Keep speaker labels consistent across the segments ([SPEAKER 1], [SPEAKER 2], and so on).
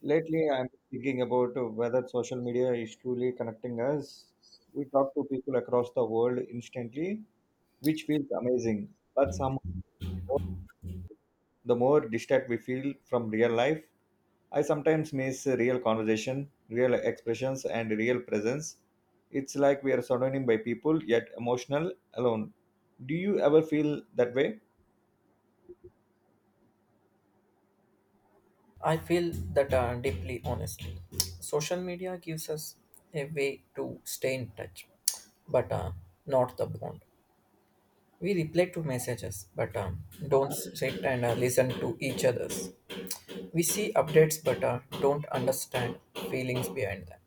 [SPEAKER 1] Lately, I'm thinking about whether social media is truly connecting us. We talk to people across the world instantly, which feels amazing. But somehow, the more distant we feel from real life, I sometimes miss real conversation, real expressions, and real presence. It's like we are surrounded by people, yet emotional alone. Do you ever feel that way?
[SPEAKER 2] I feel that deeply, honestly. Social media gives us a way to stay in touch, but not the bond. We reply to messages, but don't sit and listen to each other's. We see updates, but don't understand feelings behind them.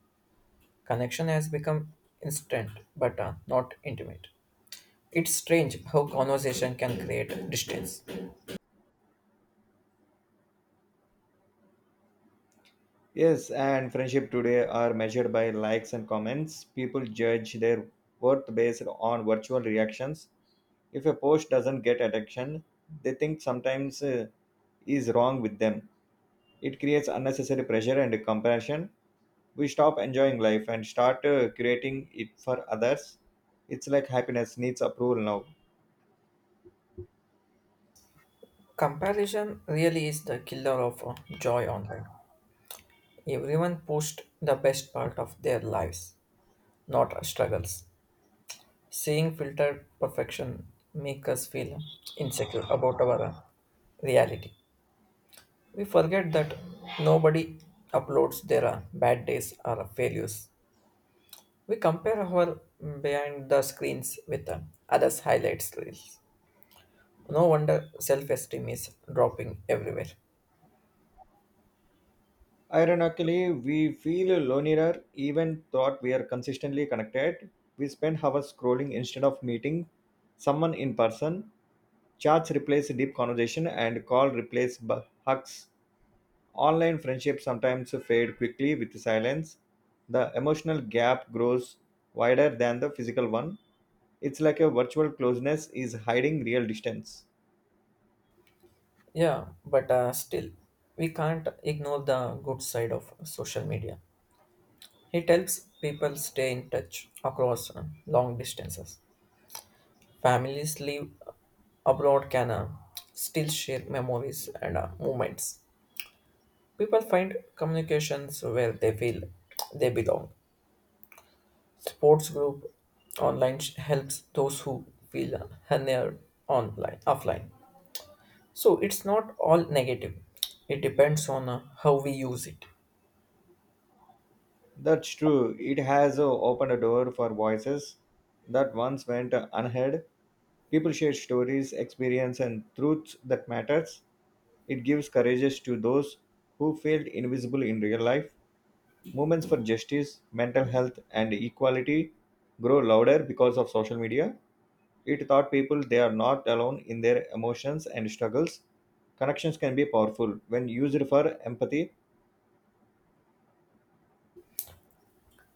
[SPEAKER 2] Connection has become instant, but not intimate. It's strange how conversation can create distance.
[SPEAKER 1] Yes, and friendship today are measured by likes and comments. People judge their worth based on virtual reactions. If a post doesn't get attention, they think sometimes is wrong with them. It creates unnecessary pressure and comparison. We stop enjoying life and start creating it for others. It's like happiness needs approval now.
[SPEAKER 2] Comparison really is the killer of joy online. Everyone posts the best part of their lives, not struggles. Seeing filtered perfection make us feel insecure about our reality. We forget that nobody uploads their bad days or failures. We compare our behind the screens with others' highlights reels. No wonder self-esteem is dropping everywhere.
[SPEAKER 1] Ironically, we feel lonelier even though we are consistently connected. We spend hours scrolling instead of meeting someone in person. Chats replace deep conversation and call replace hugs. Online friendships sometimes fade quickly with silence. The emotional gap grows wider than the physical one. It's like a virtual closeness is hiding real distance.
[SPEAKER 2] Yeah, but still, we can't ignore the good side of social media. It helps people stay in touch across long distances. Families live abroad can still share memories and moments. People find communications where they feel they belong. Sports group online helps those who feel unheard online offline. So it's not all negative. It depends on how we use it.
[SPEAKER 1] That's true. It has opened a door for voices that once went unheard. People share stories, experience, and truths that matters. It gives courage to those who felt invisible in real life. Movements for justice, mental health, and equality grow louder because of social media. It taught people they are not alone in their emotions and struggles. Connections can be powerful when used for empathy.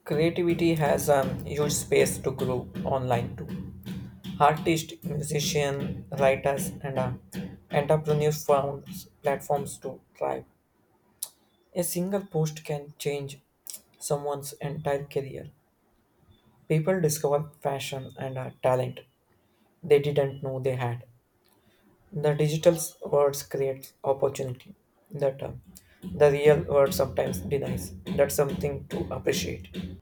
[SPEAKER 2] Creativity has a huge space to grow online too. Artists, musicians, writers, and entrepreneurs found platforms to thrive. A single post can change someone's entire career. People discover fashion and talent they didn't know they had. The digital world creates opportunity that the real world sometimes denies. That's something to appreciate.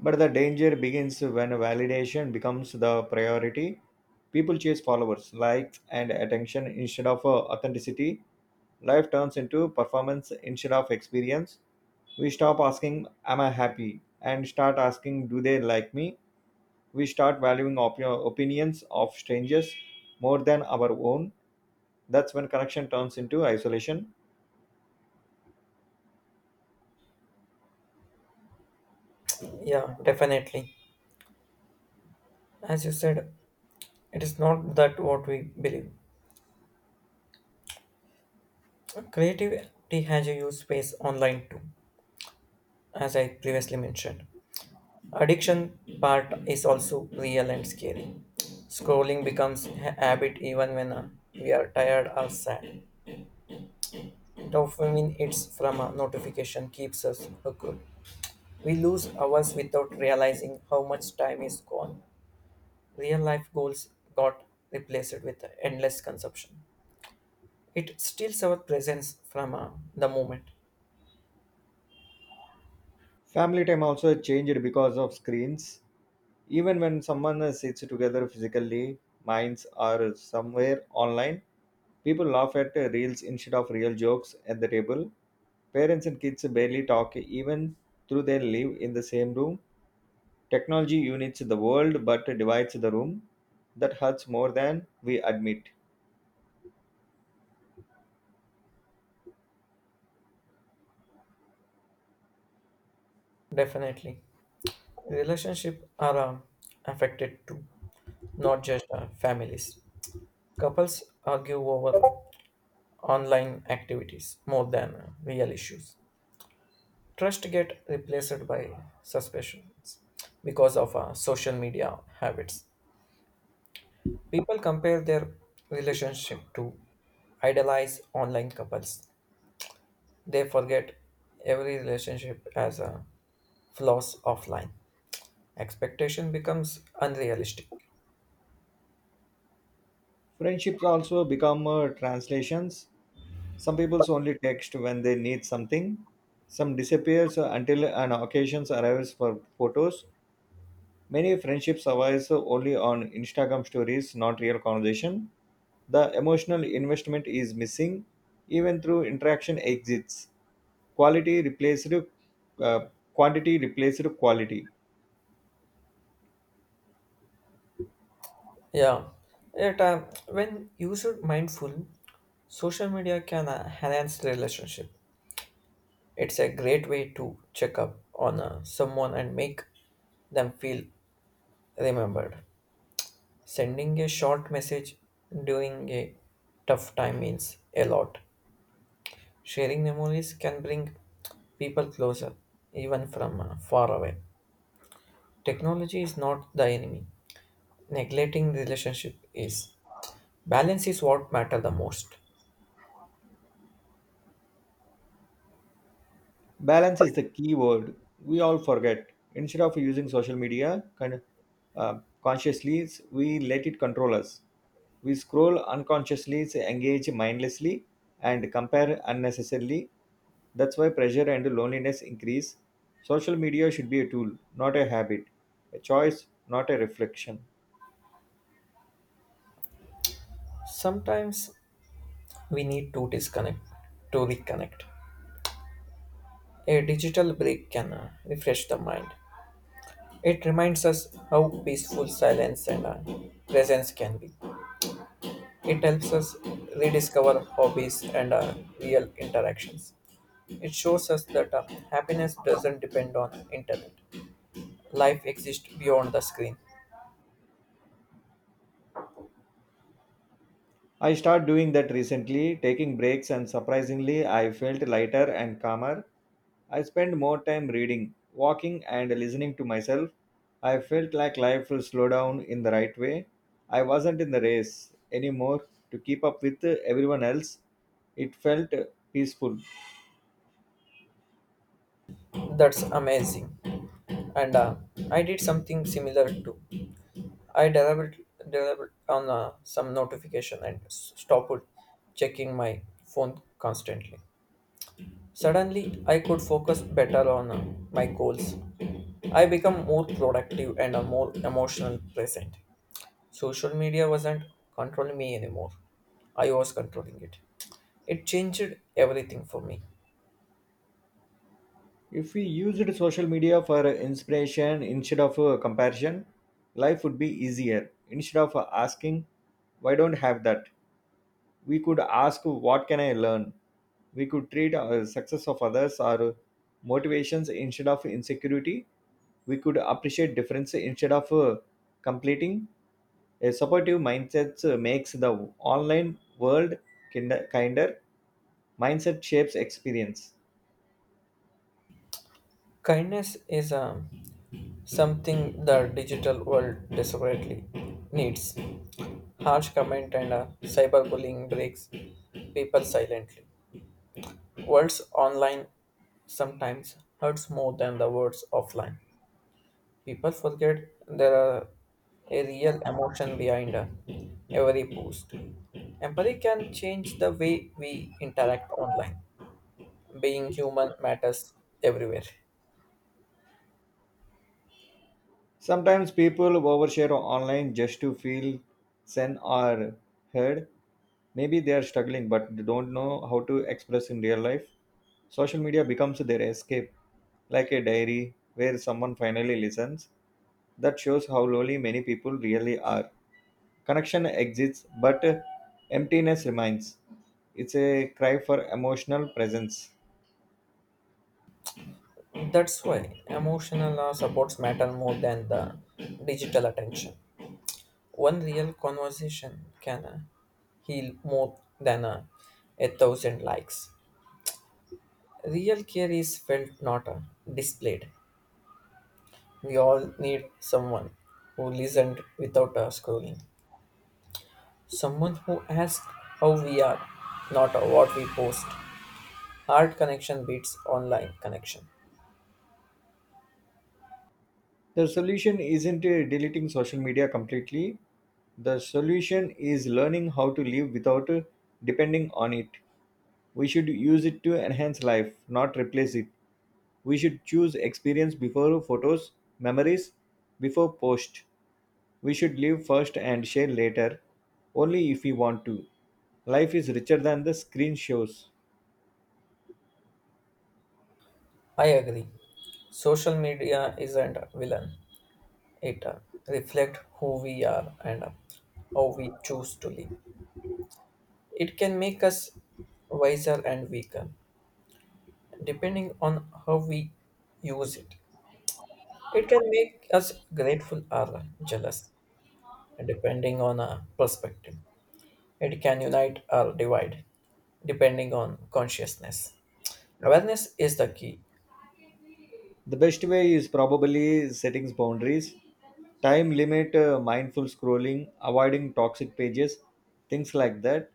[SPEAKER 1] But the danger begins when validation becomes the priority. People chase followers, likes, and attention instead of authenticity. Life turns into performance instead of experience. We stop asking, Am I happy? And start asking, Do they like me? We start valuing opinions of strangers more than our own. That's when connection turns into isolation.
[SPEAKER 2] Yeah, definitely. As you said, it is not that what we believe. Creativity has a huge space online too, as I previously mentioned. Addiction part is also real and scary. Scrolling becomes a habit even when we are tired or sad. Dopamine often it's from a notification keeps us hooked. We lose hours without realizing how much time is gone. Real life goals got replaced with endless consumption. It steals our presence from the moment.
[SPEAKER 1] Family time also changed because of screens. Even when someone sits together physically, minds are somewhere online. People laugh at reels instead of real jokes at the table. Parents and kids barely talk even though they live in the same room. Technology unites the world but divides the room. That hurts more than we admit.
[SPEAKER 2] Definitely, relationship are affected too, not just families. Couples argue over online activities more than real issues. Trust get replaced by suspicions because of social media habits. People compare their relationship to idolize online couples. They forget every relationship has a flaws offline. Expectation becomes unrealistic.
[SPEAKER 1] Friendships also become translations. Some people only text when they need something. Some disappears until an occasion arrives for photos. Many friendships survive only on Instagram stories, not real conversation. The emotional investment is missing, even through interaction exists. Quality replaced uh, quantity replaced quality.
[SPEAKER 2] Yeah, yet when used mindful, social media can enhance relationship. It's a great way to check up on someone and make them feel remembered. Sending a short message during a tough time means a lot. Sharing memories can bring people closer, even from far away. Technology is not the enemy. Neglecting relationship is. Balance is what matter the most.
[SPEAKER 1] Balance is the key word we all forget. Instead of using social media kind consciously, we let it control us. We scroll unconsciously, engage mindlessly, and compare unnecessarily. That's why pressure and loneliness increase. Social media should be a tool, not a habit, a choice, not a reflection.
[SPEAKER 2] Sometimes we need to disconnect to reconnect. A digital break can refresh the mind. It reminds us how peaceful silence and presence can be. It helps us rediscover hobbies and real interactions. It shows us that happiness doesn't depend on internet. Life exists beyond the screen.
[SPEAKER 1] I started doing that recently, taking breaks, and surprisingly, I felt lighter and calmer. I spent more time reading, walking, and listening to myself. I felt like life will slow down in the right way. I wasn't in the race anymore to keep up with everyone else. It felt peaceful.
[SPEAKER 2] That's amazing. And I did something similar too. I delivered on some notification and stopped checking my phone constantly. Suddenly, I could focus better on my goals. I become more productive and a more emotional present. Social media wasn't controlling me anymore. I was controlling it. It changed everything for me.
[SPEAKER 1] If we used social media for inspiration instead of comparison, life would be easier. Instead of asking, why don't have that? We could ask, what can I learn? We could treat our success of others or motivations instead of insecurity. We could appreciate difference instead of completing. A supportive mindset makes the online world kinder, kinder mindset shapes experience.
[SPEAKER 2] Kindness is something the digital world desperately needs. Harsh comment and cyberbullying breaks people silently. Words online sometimes hurts more than the words offline. People forget there are a real emotion behind every post. Empathy can change the way we interact online. Being human matters everywhere.
[SPEAKER 1] Sometimes people overshare online just to feel seen or heard. Maybe they are struggling but they don't know how to express in real life. Social media becomes their escape, like a diary where someone finally listens. That shows how lonely many people really are. Connection exists, but emptiness remains. It's a cry for emotional presence.
[SPEAKER 2] That's why emotional supports matter more than the digital attention. One real conversation can heal more than a thousand likes. Real care is felt, not displayed. We all need someone who listened without scrolling. Someone who asks how we are, not what we post. Hard connection beats online connection.
[SPEAKER 1] The solution isn't deleting social media completely. The solution is learning how to live without depending on it. We should use it to enhance life, not replace it. We should choose experience before photos, memories before post. We should live first and share later, only if we want to. Life is richer than the screen shows.
[SPEAKER 2] I agree. Social media isn't a villain. It reflects who we are and how we choose to live. It can make us wiser and weaker, depending on how we use it. It can make us grateful or jealous, depending on our perspective. It can unite or divide, depending on consciousness. Awareness is the key.
[SPEAKER 1] The best way is probably setting boundaries, time limit, mindful scrolling, avoiding toxic pages, things like that.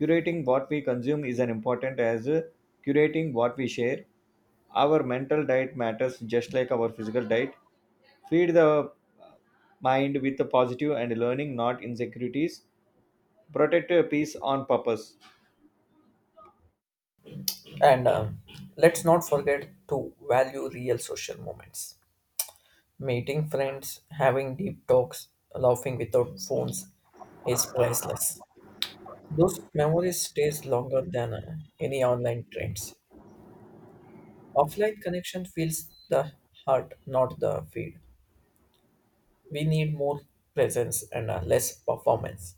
[SPEAKER 1] Curating what we consume is as important as curating what we share. Our mental diet matters just like our physical diet. Feed the mind with a positive and learning, not insecurities. Protect your peace on purpose.
[SPEAKER 2] And Let's not forget to value real social moments. Meeting friends, having deep talks, laughing without phones is priceless. Those memories stays longer than any online trends. Offline connection feels the heart, not the feed. We need more presence and less performance.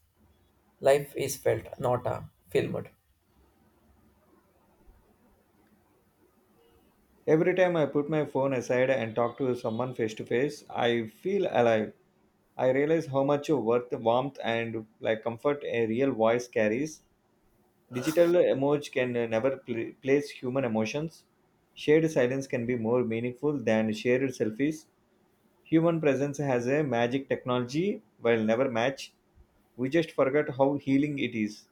[SPEAKER 2] Life is felt, not filmed.
[SPEAKER 1] Every time I put my phone aside and talk to someone face to face, I feel alive. I realize how much worth, warmth, and like comfort a real voice carries. Digital emoji can never place human emotions. Shared silence can be more meaningful than shared selfies. Human presence has a magic technology will never match. We just forget how healing it is.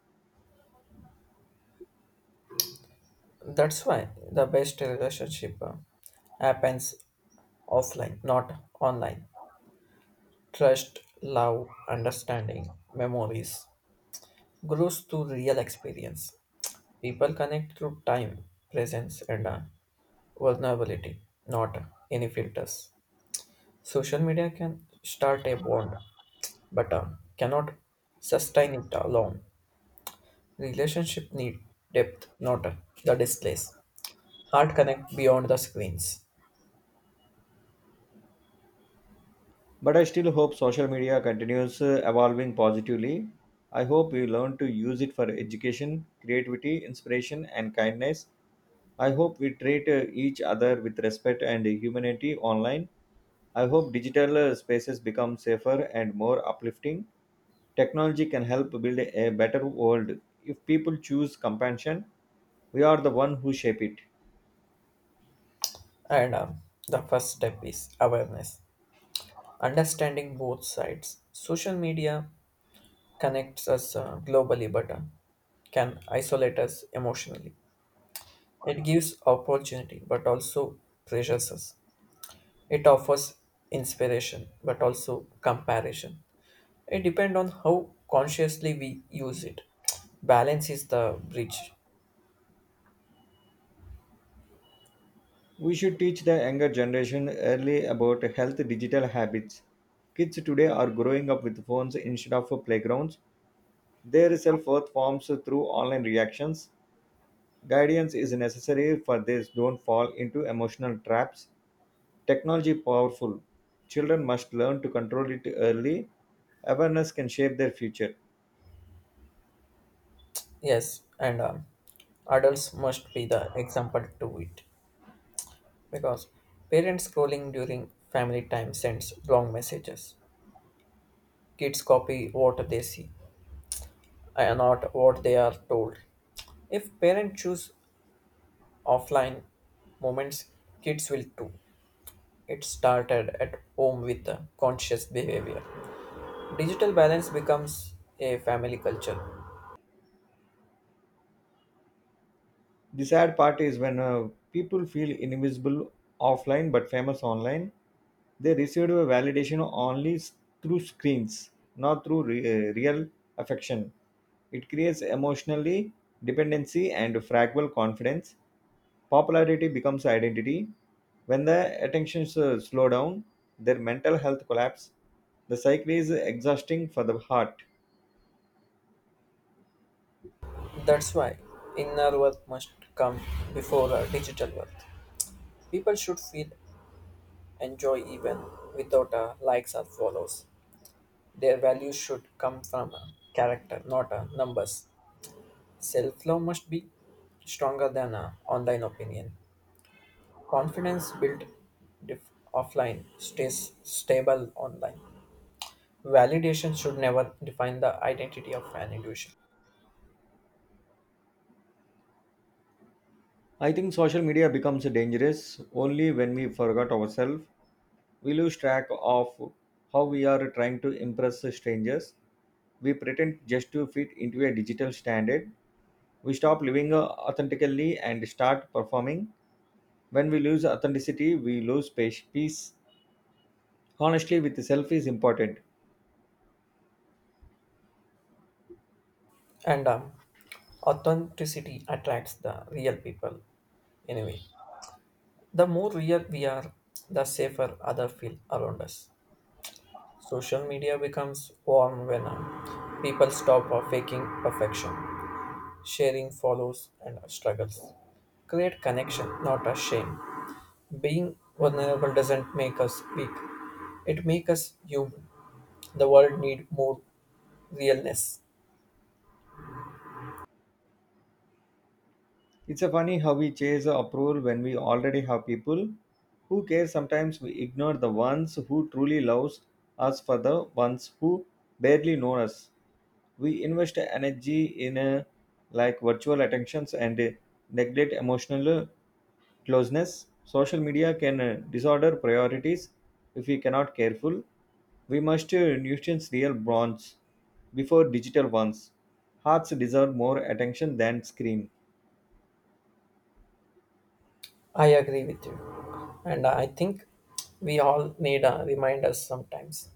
[SPEAKER 2] That's why the best relationship happens offline, not online. Trust, love, understanding, memories grows through real experience. People connect through time, presence, and vulnerability, not any filters. Social media can start a bond, but cannot sustain it alone. Relationship need depth, not the displays. Heart connect beyond the screens.
[SPEAKER 1] But I still hope social media continues evolving positively. I hope we learn to use it for education, creativity, inspiration, and kindness. I hope we treat each other with respect and humanity online. I hope digital spaces become safer and more uplifting. Technology can help build a better world. If people choose compassion, we are the one who shape it.
[SPEAKER 2] And The first step is awareness, understanding both sides. Social media connects us globally, but can isolate us emotionally. It gives opportunity, but also pressures us. It offers inspiration, but also comparison. It depends on how consciously we use it. Balance is the bridge.
[SPEAKER 1] We should teach the younger generation early about health digital habits. Kids today are growing up with phones instead of playgrounds. Their self worth forms through online reactions. Guidance is necessary for they don't fall into emotional traps. Technology powerful. Children must learn to control it early. Awareness can shape their future.
[SPEAKER 2] Yes, and adults must be the example to it, because parents scrolling during family time sends wrong messages. Kids copy what they see and not what they are told. If parents choose offline moments, kids will too. It started at home with a conscious behavior. Digital balance becomes a family culture.
[SPEAKER 1] The sad part is when people feel invisible offline but famous online, they receive a validation only through screens, not through real affection. It creates emotionally dependency and fragile confidence. Popularity becomes identity. When the attention slow down, their mental health collapse. The cycle is exhausting for the heart.
[SPEAKER 2] That's why inner worth must come before a digital worth. People should feel enjoy even without likes or follows. Their values should come from a character, not a numbers. Self love must be stronger than a online opinion. Confidence built offline stays stable online. Validation should never define the identity of an individual.
[SPEAKER 1] I think social media becomes dangerous only when we forgot ourselves. We lose track of how we are trying to impress strangers. We pretend just to fit into a digital standard. We stop living authentically and start performing. When we lose authenticity, we lose peace. Honestly, with self is important.
[SPEAKER 2] And Authenticity attracts the real people anyway. The more real we are, the safer other feel around us. Social media becomes warm when people stop faking perfection. Sharing follows and struggles. Create connection, not a shame. Being vulnerable doesn't make us weak. It makes us human. The world need more realness.
[SPEAKER 1] It's a funny how we chase approval when we already have people who care. Sometimes we ignore the ones who truly loves us for the ones who barely know us. We invest energy in like virtual attentions and neglect emotional closeness. Social media can disorder priorities if we cannot careful. We must nuisance real bonds before digital ones. Hearts deserve more attention than screen.
[SPEAKER 2] I agree with you. And I think we all need a reminder sometimes.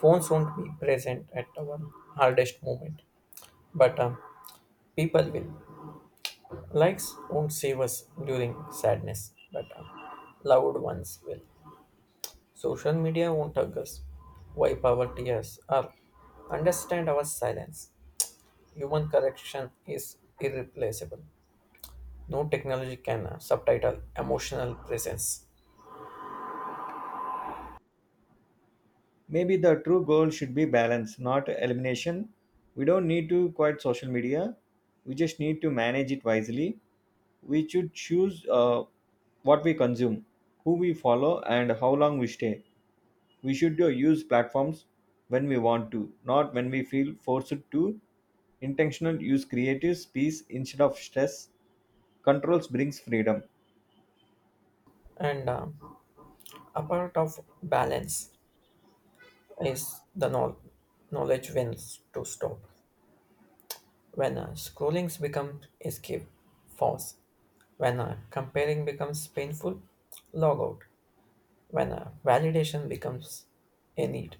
[SPEAKER 2] Phones won't be present at our hardest moment, but people will. Likes won't save us during sadness, but loved ones will. Social media won't hug us. Why poverty us up? Understand our silence. Human correction is irreplaceable. No technology can subtitle emotional presence.
[SPEAKER 1] Maybe the true goal should be balance, not elimination. We don't need to quit social media. We just need to manage it wisely. We should choose what we consume, who we follow, and how long we stay. We should use platforms when we want to, not when we feel forced to. Intentional use creative space instead of stress. Controls brings freedom.
[SPEAKER 2] And A part of balance is the know. Knowledge wins to stop. When scrollings become escape, false. When comparing becomes painful, log out. When validation becomes a need,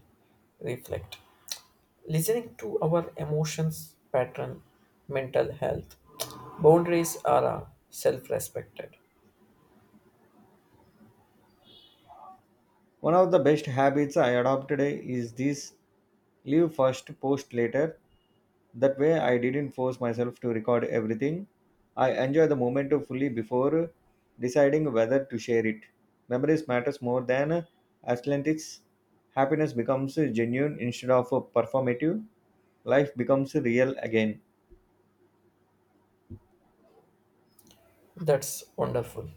[SPEAKER 2] reflect. Listening to our emotions pattern mental health boundaries are self-respected.
[SPEAKER 1] One of the best habits I adopted is this: live first, post later. That way, I didn't force myself to record everything. I enjoy the moment fully before deciding whether to share it. Memories matters more than aesthetics. Happiness becomes genuine instead of performative. Life becomes real again.
[SPEAKER 2] That's wonderful.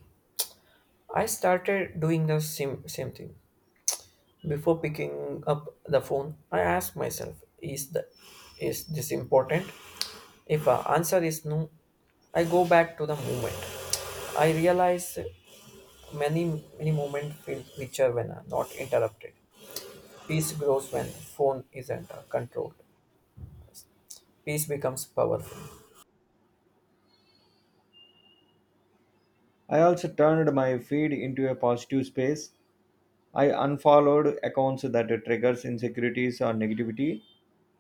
[SPEAKER 2] I started doing the same thing. Before picking up the phone I asked myself, is the is this important? If the answer is no, I go back to the moment. I realize many many moments feel richer when not interrupted. Peace grows when phone isn't controlled. Peace becomes powerful.
[SPEAKER 1] I also turned my feed into a positive space. I unfollowed accounts that triggers insecurities or negativity.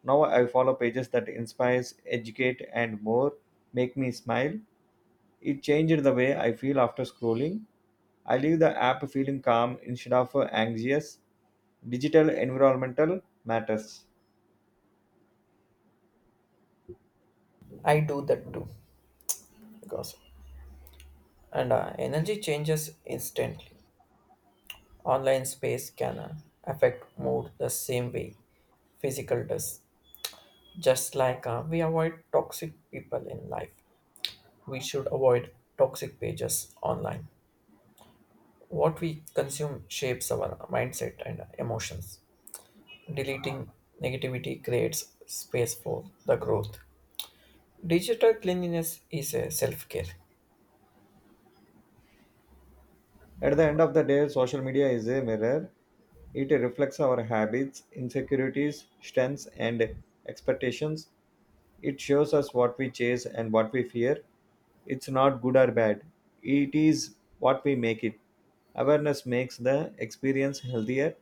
[SPEAKER 1] Now I follow pages that inspires, educate, and more make me smile. It changed the way I feel after scrolling. I leave the app feeling calm instead of anxious. Digital environmental matters.
[SPEAKER 2] I do that too, because and energy changes instantly. Online space can affect mood the same way physical does. Just like we avoid toxic people in life, we should avoid toxic pages online. What we consume shapes our mindset and emotions. Deleting negativity creates space for the growth. Digital cleanliness is a self care,
[SPEAKER 1] At the end of the day, social media is a mirror. It reflects our habits, insecurities, strengths, and expectations. It shows us what we chase and what we fear. It's not good or bad, it is what we make it. Awareness makes the experience healthier,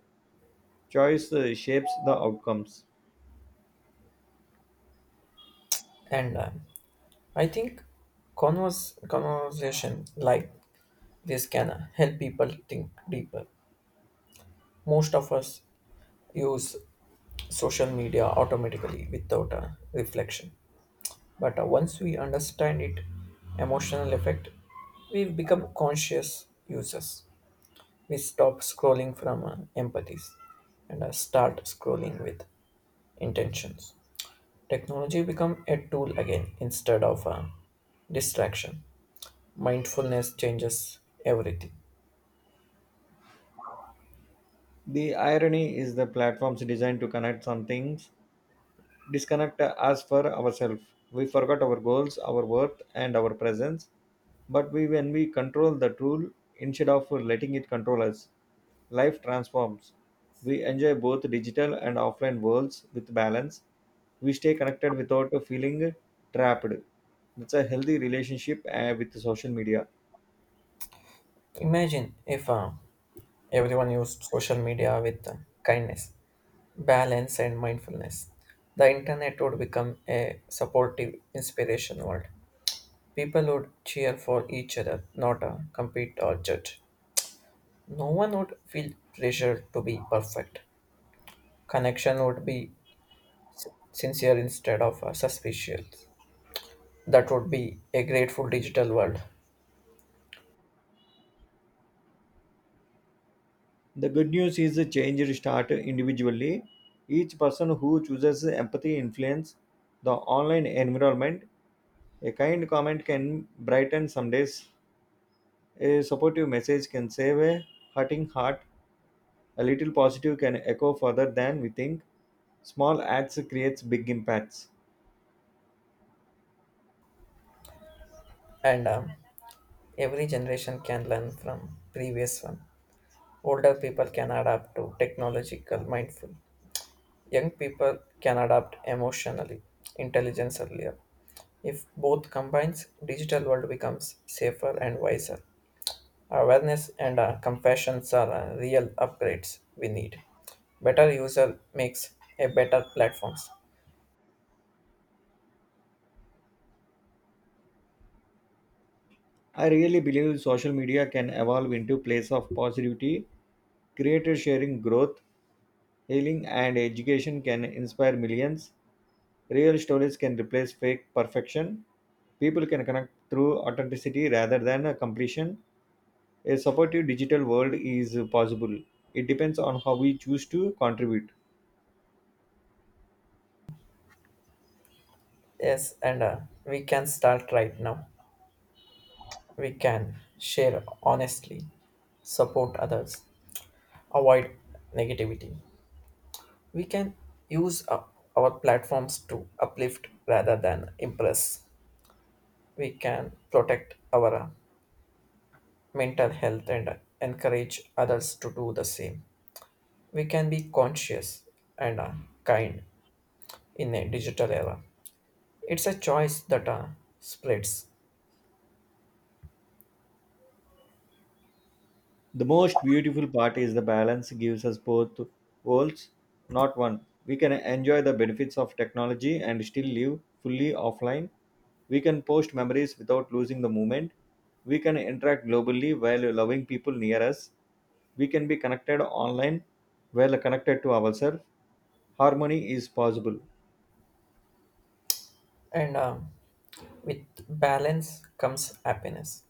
[SPEAKER 1] choice shapes the outcomes.
[SPEAKER 2] and I think conversation like this can help people think deeper. Most of us use social media automatically without a reflection. But once we understand it emotional effect, we become conscious users. We stop scrolling from empathies and start scrolling with intentions. Technology become a tool again instead of a distraction. Mindfulness changes everything.
[SPEAKER 1] The irony is the platform's designed to connect some things, disconnect us for ourselves. We forgot our goals, our worth, and our presence. But we, when we control the tool instead of letting it control us, life transforms. We enjoy both digital and offline worlds with balance. We stay connected without feeling trapped. It's a healthy relationship with social media.
[SPEAKER 2] Imagine if everyone used social media with kindness, balance, and mindfulness. The internet would become a supportive, inspiration world. People would cheer for each other, not compete or judge. No one would feel pressure to be perfect. Connection would be sincere instead of suspicious. That would be a grateful digital world,
[SPEAKER 1] The good news is the change start individually. Each person who chooses empathy influence the online environment. A kind comment can brighten some days. A supportive message can save a hurting heart. A little positive can echo further than we think. Small acts creates big impacts.
[SPEAKER 2] and every generation can learn from previous one. Older people can adapt to technological mindful. Young people can adapt emotionally, intelligence earlier. If both combines, digital world becomes safer and wiser. Awareness and compassion are real upgrades we need. Better user makes a better platforms.
[SPEAKER 1] I really believe social media can evolve into place of positivity. Creator sharing growth, healing and education can inspire millions. Real stories can replace fake perfection. People can connect through authenticity rather than a completion. A supportive digital world is possible. It depends on how we choose to contribute.
[SPEAKER 2] Yes, and we can start right now. We can share honestly, support others, avoid negativity. We can use up our platforms to uplift rather than impress. We can protect our mental health and encourage others to do the same. We can be conscious and kind in a digital era. It's a choice that spreads,
[SPEAKER 1] The most beautiful part is the balance gives us both worlds, not one. We can enjoy the benefits of technology and still live fully offline. We can post memories without losing the moment. We can interact globally while loving people near us. We can be connected online, well connected to ourselves. Harmony is possible.
[SPEAKER 2] and with balance comes happiness.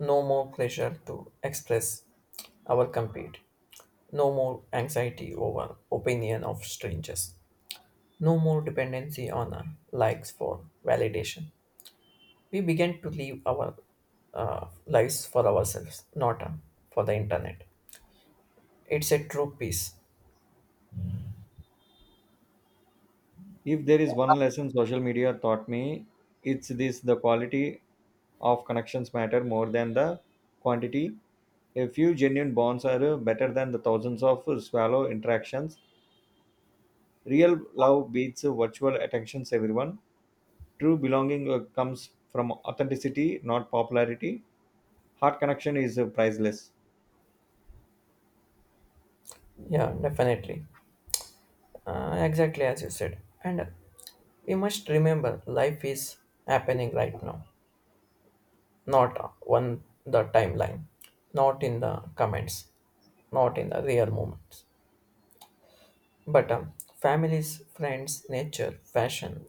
[SPEAKER 2] No more pressure to express our compete, no more anxiety over opinion of strangers, no more dependency on likes for validation. We began to live our lives for ourselves, not for the internet. It's a true peace.
[SPEAKER 1] If there is one lesson social media taught me, it's this: the quality of connections matter more than the quantity. A few genuine bonds are better than the thousands of shallow interactions. Real love beats virtual attentions everyone. True belonging comes from authenticity not popularity. Heart connection is priceless.
[SPEAKER 2] Yeah, definitely. Exactly as you said. And We must remember life is happening right now, not on the timeline, not in the comments, not in the real moments. But families, friends, nature, fashion,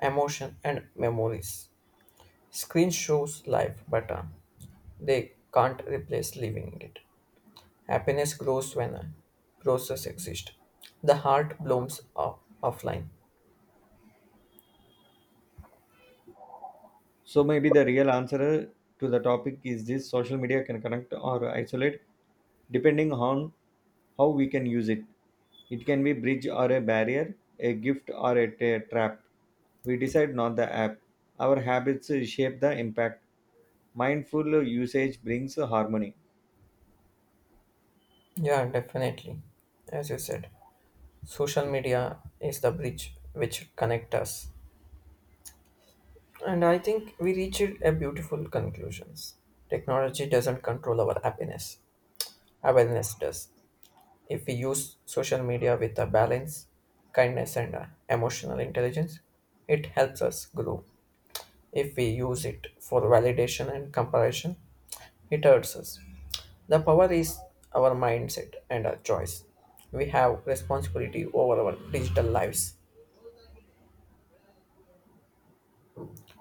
[SPEAKER 2] emotion, and memories. Screen shows life, but they can't replace living it. Happiness grows when a process exists. The heart blooms offline.
[SPEAKER 1] So maybe the real answer to the topic is this: social media can connect or isolate depending on how we can use it. It can be bridge or a barrier, a gift or a trap. We decide not the app. Our habits shape the impact. Mindful usage brings harmony.
[SPEAKER 2] Yeah, definitely. As you said, social media is the bridge which connect us. And I think we reached a beautiful conclusions. Technology doesn't control our happiness. Awareness does. If we use social media with a balance, kindness and emotional intelligence, it helps us grow. If we use it for validation and comparison, it hurts us. The power is our mindset and our choice. We have responsibility over our digital lives.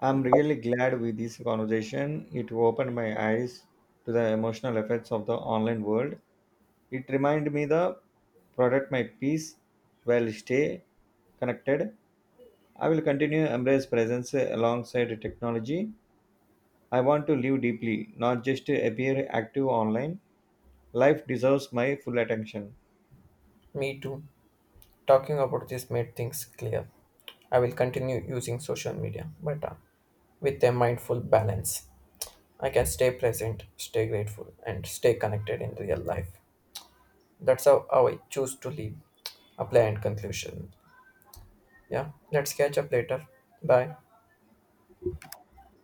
[SPEAKER 1] I'm really glad with this conversation. It opened my eyes to the emotional effects of the online world. It remind me the product my peace while stay connected. I will continue embrace presence alongside technology. I want to live deeply, not just appear active online. Life deserves my full attention.
[SPEAKER 2] Me too. Talking about this made things clear. I will continue using social media, but with a mindful balance. I can stay present, stay grateful, and stay connected in real life. That's how I choose to live. Apply and conclusion. Yeah, let's catch up later. Bye.